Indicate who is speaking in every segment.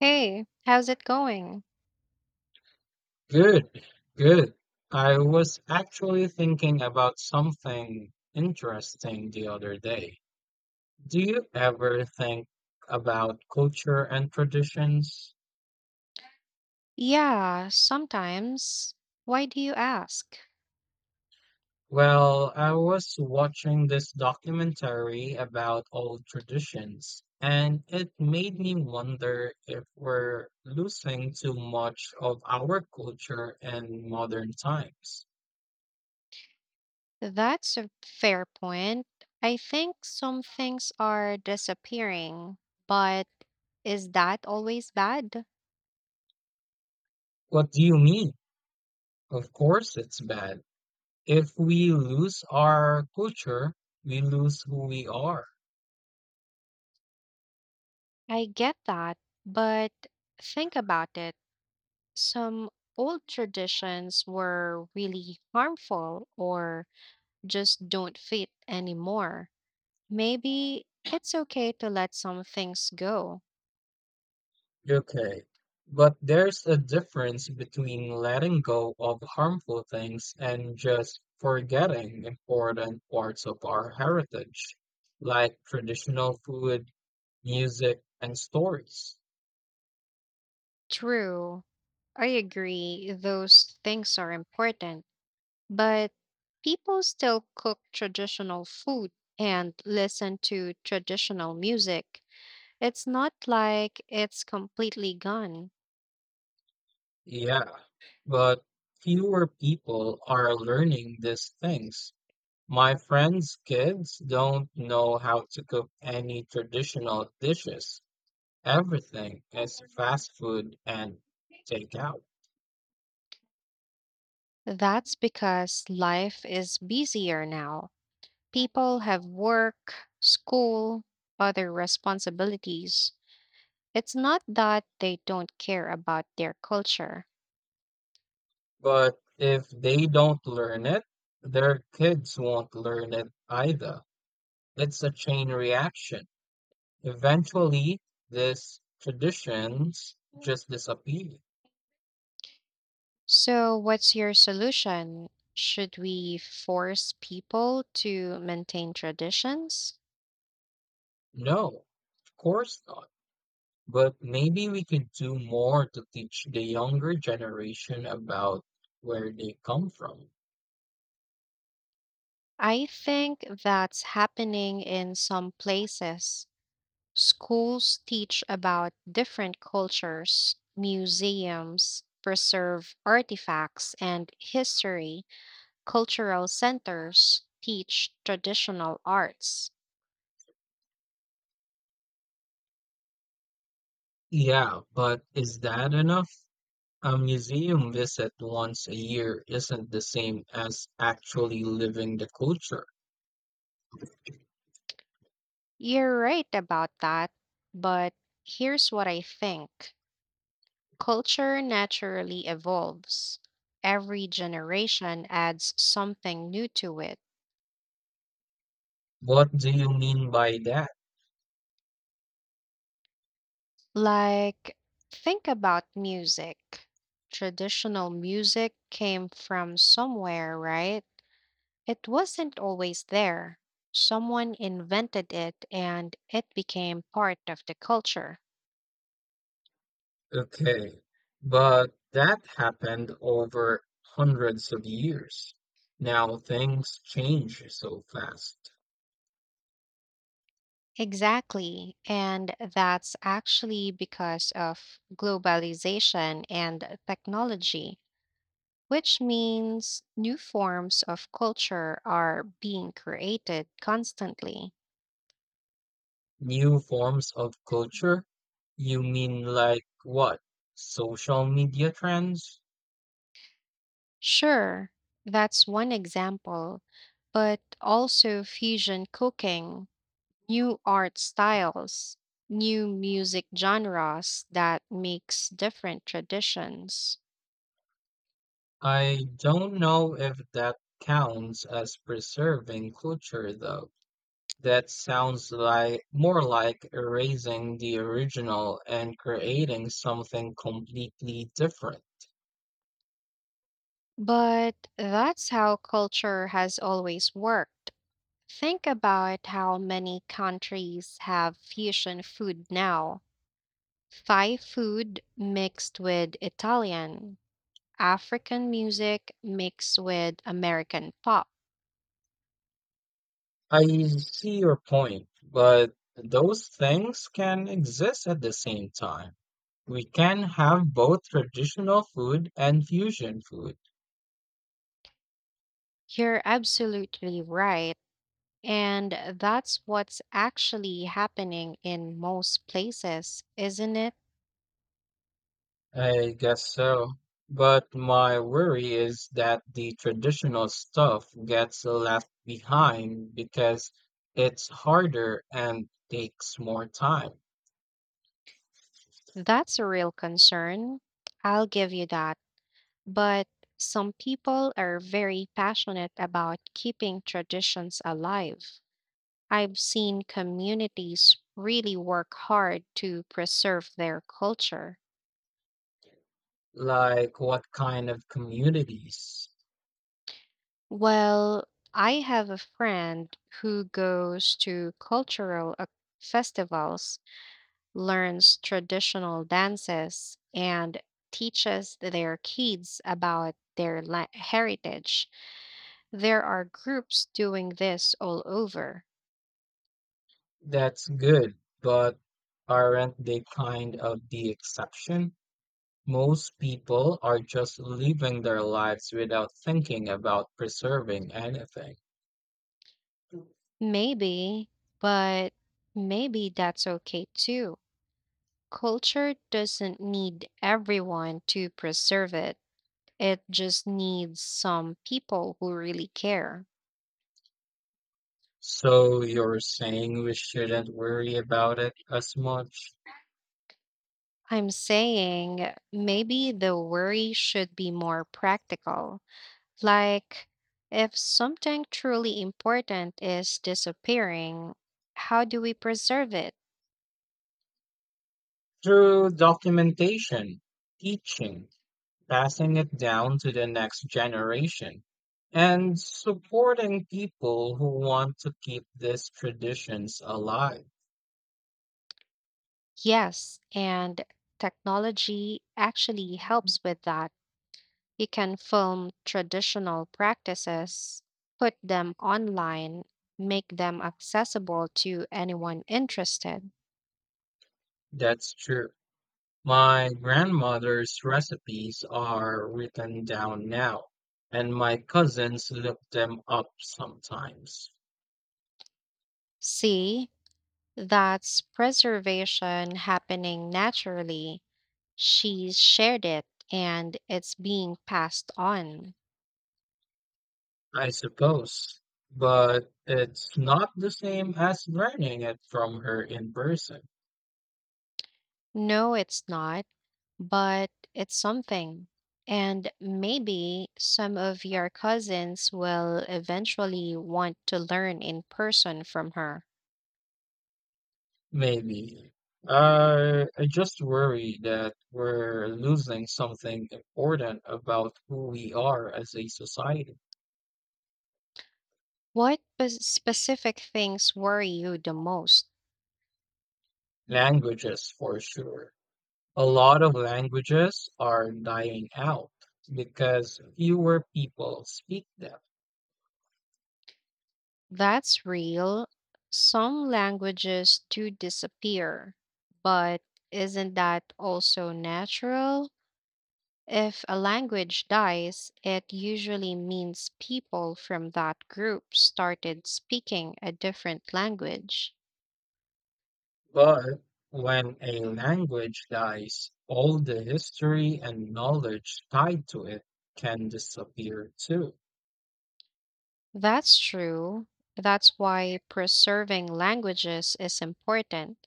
Speaker 1: Hey, how's it going?
Speaker 2: Good, good. I was actually thinking about something interesting the other day. Do you ever think about culture and traditions?
Speaker 1: Yeah, sometimes. Why do you ask?
Speaker 2: Well, I was watching this documentary about old traditions, and it made me wonder if we're losing too much of our culture in modern times.
Speaker 1: That's a fair point. I think some things are disappearing, but is that always bad?
Speaker 2: What do you mean? Of course, it's bad. If we lose our culture, we lose who we are.
Speaker 1: I get that, but think about it. Some old traditions were really harmful or just don't fit anymore. Maybe it's okay to let some things go.
Speaker 2: Okay. But there's a difference between letting go of harmful things and just forgetting important parts of our heritage, like traditional food, music, and stories.
Speaker 1: True, I agree, those things are important, but people still cook traditional food and listen to traditional music. It's not like it's completely gone.
Speaker 2: Yeah, but fewer people are learning these things. My friends' kids don't know how to cook any traditional dishes. Everything is fast food and takeout.
Speaker 1: That's because life is busier now. People have work, school, other responsibilities. It's not that they don't care about their culture.
Speaker 2: But if they don't learn it, their kids won't learn it either. It's a chain reaction. Eventually, these traditions just disappear.
Speaker 1: So, what's your solution? Should we force people to maintain traditions?
Speaker 2: No, of course not. But maybe we could do more to teach the younger generation about where they come from.
Speaker 1: I think that's happening in some places. Schools teach about different cultures, museums preserve artifacts and history, cultural centers teach traditional arts.
Speaker 2: Yeah, but is that enough? A museum visit once a year isn't the same as actually living the culture.
Speaker 1: You're right about that, but here's what I think. Culture naturally evolves. Every generation adds something new to it.
Speaker 2: What do you mean by that?
Speaker 1: Like, think about music. Traditional music came from somewhere, right? It wasn't always there. Someone invented it and it became part of the culture.
Speaker 2: Okay, but that happened over hundreds of years. Now things change so fast.
Speaker 1: Exactly. And that's actually because of globalization and technology, which means new forms of culture are being created constantly.
Speaker 2: New forms of culture? You mean like what? Social media trends?
Speaker 1: Sure, that's one example, but also fusion cooking, new art styles, new music genres that mix different traditions.
Speaker 2: I don't know if that counts as preserving culture though. That sounds like more like erasing the original and creating something completely different.
Speaker 1: But that's how culture has always worked. Think about how many countries have fusion food now. Thai food mixed with Italian, African music mixed with American pop.
Speaker 2: I see your point, but those things can exist at the same time. We can have both traditional food and fusion food.
Speaker 1: You're absolutely right. And that's what's actually happening in most places, isn't it?
Speaker 2: I guess so. But my worry is that the traditional stuff gets left behind because it's harder and takes more time.
Speaker 1: That's a real concern. I'll give you that. But some people are very passionate about keeping traditions alive. I've seen communities really work hard to preserve their culture.
Speaker 2: Like what kind of communities?
Speaker 1: Well, I have a friend who goes to festivals, learns traditional dances, and teaches their kids about their heritage. There are groups doing this all over.
Speaker 2: That's good, but aren't they kind of the exception? Most people are just living their lives without thinking about preserving anything.
Speaker 1: Maybe, but maybe that's okay too. Culture doesn't need everyone to preserve it, it just needs some people who really care.
Speaker 2: So you're saying we shouldn't worry about it as much?
Speaker 1: I'm saying maybe the worry should be more practical. Like, if something truly important is disappearing, how do we preserve it?
Speaker 2: Through documentation, teaching, passing it down to the next generation, and supporting people who want to keep these traditions alive.
Speaker 1: Yes, and technology actually helps with that. You can film traditional practices, put them online, make them accessible to anyone interested.
Speaker 2: That's true. My grandmother's recipes are written down now, and my cousins look them up sometimes.
Speaker 1: See, that's preservation happening naturally. She's shared it and it's being passed on.
Speaker 2: I suppose. But it's not the same as learning it from her in person.
Speaker 1: No, it's not, but it's something. And maybe some of your cousins will eventually want to learn in person from her.
Speaker 2: Maybe. I just worry that we're losing something important about who we are as a society.
Speaker 1: What specific things worry you the most?
Speaker 2: Languages, for sure. A lot of languages are dying out because fewer people speak them.
Speaker 1: That's real. Some languages do disappear, but isn't that also natural? If a language dies, it usually means people from that group started speaking a different language.
Speaker 2: But when a language dies, all the history and knowledge tied to it can disappear too.
Speaker 1: That's true. That's why preserving languages is important.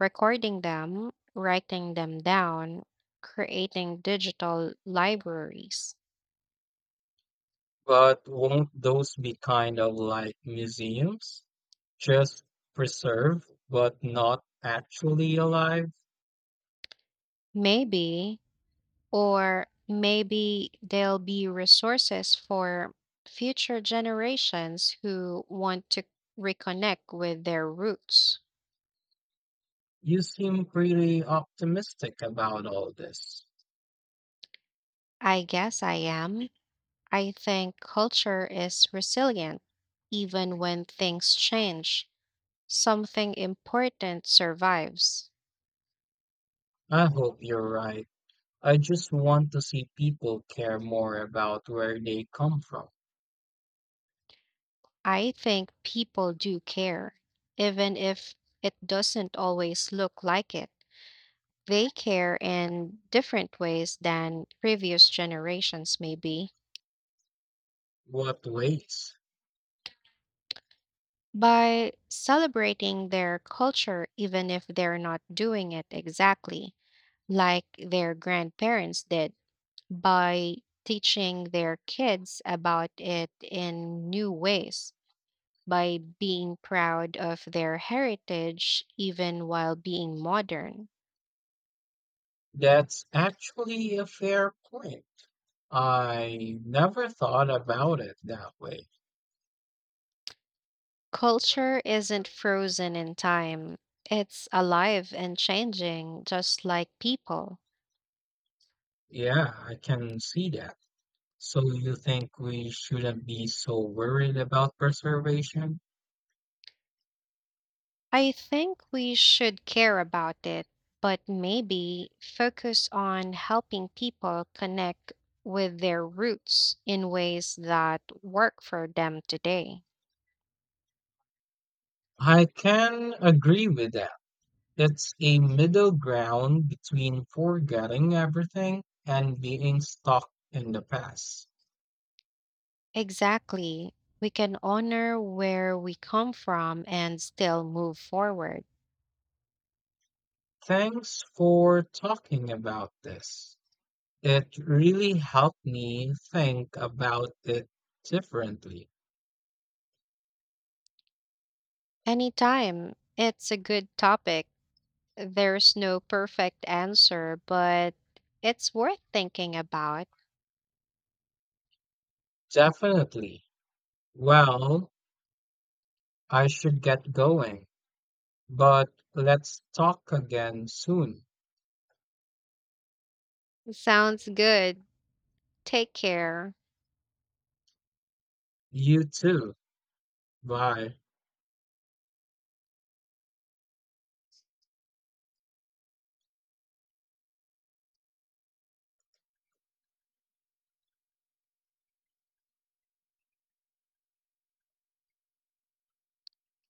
Speaker 1: Recording them, writing them down, creating digital libraries.
Speaker 2: But won't those be kind of like museums? Just preserved, but not actually alive?
Speaker 1: Maybe, or maybe there'll be resources for future generations who want to reconnect with their roots.
Speaker 2: You seem pretty optimistic about all this.
Speaker 1: I guess I am. I think culture is resilient. Even when things change, something important survives.
Speaker 2: I hope you're right. I just want to see people care more about where they come from.
Speaker 1: I think people do care, even if it doesn't always look like it. They care in different ways than previous generations, maybe.
Speaker 2: What ways?
Speaker 1: By celebrating their culture, even if they're not doing it exactly like their grandparents did, by teaching their kids about it in new ways, by being proud of their heritage even while being modern.
Speaker 2: That's actually a fair point. I never thought about it that way.
Speaker 1: Culture isn't frozen in time, it's alive and changing, just like people.
Speaker 2: Yeah, I can see that. So you think we shouldn't be so worried about preservation?
Speaker 1: I think we should care about it, but maybe focus on helping people connect with their roots in ways that work for them today.
Speaker 2: I can agree with that. It's a middle ground between forgetting everything and being stuck in the past.
Speaker 1: Exactly. We can honor where we come from and still move forward.
Speaker 2: Thanks for talking about this. It really helped me think about it differently.
Speaker 1: Anytime. It's a good topic. There's no perfect answer, but it's worth thinking about.
Speaker 2: Definitely. Well, I should get going, but let's talk again soon.
Speaker 1: Sounds good. Take care.
Speaker 2: You too. Bye.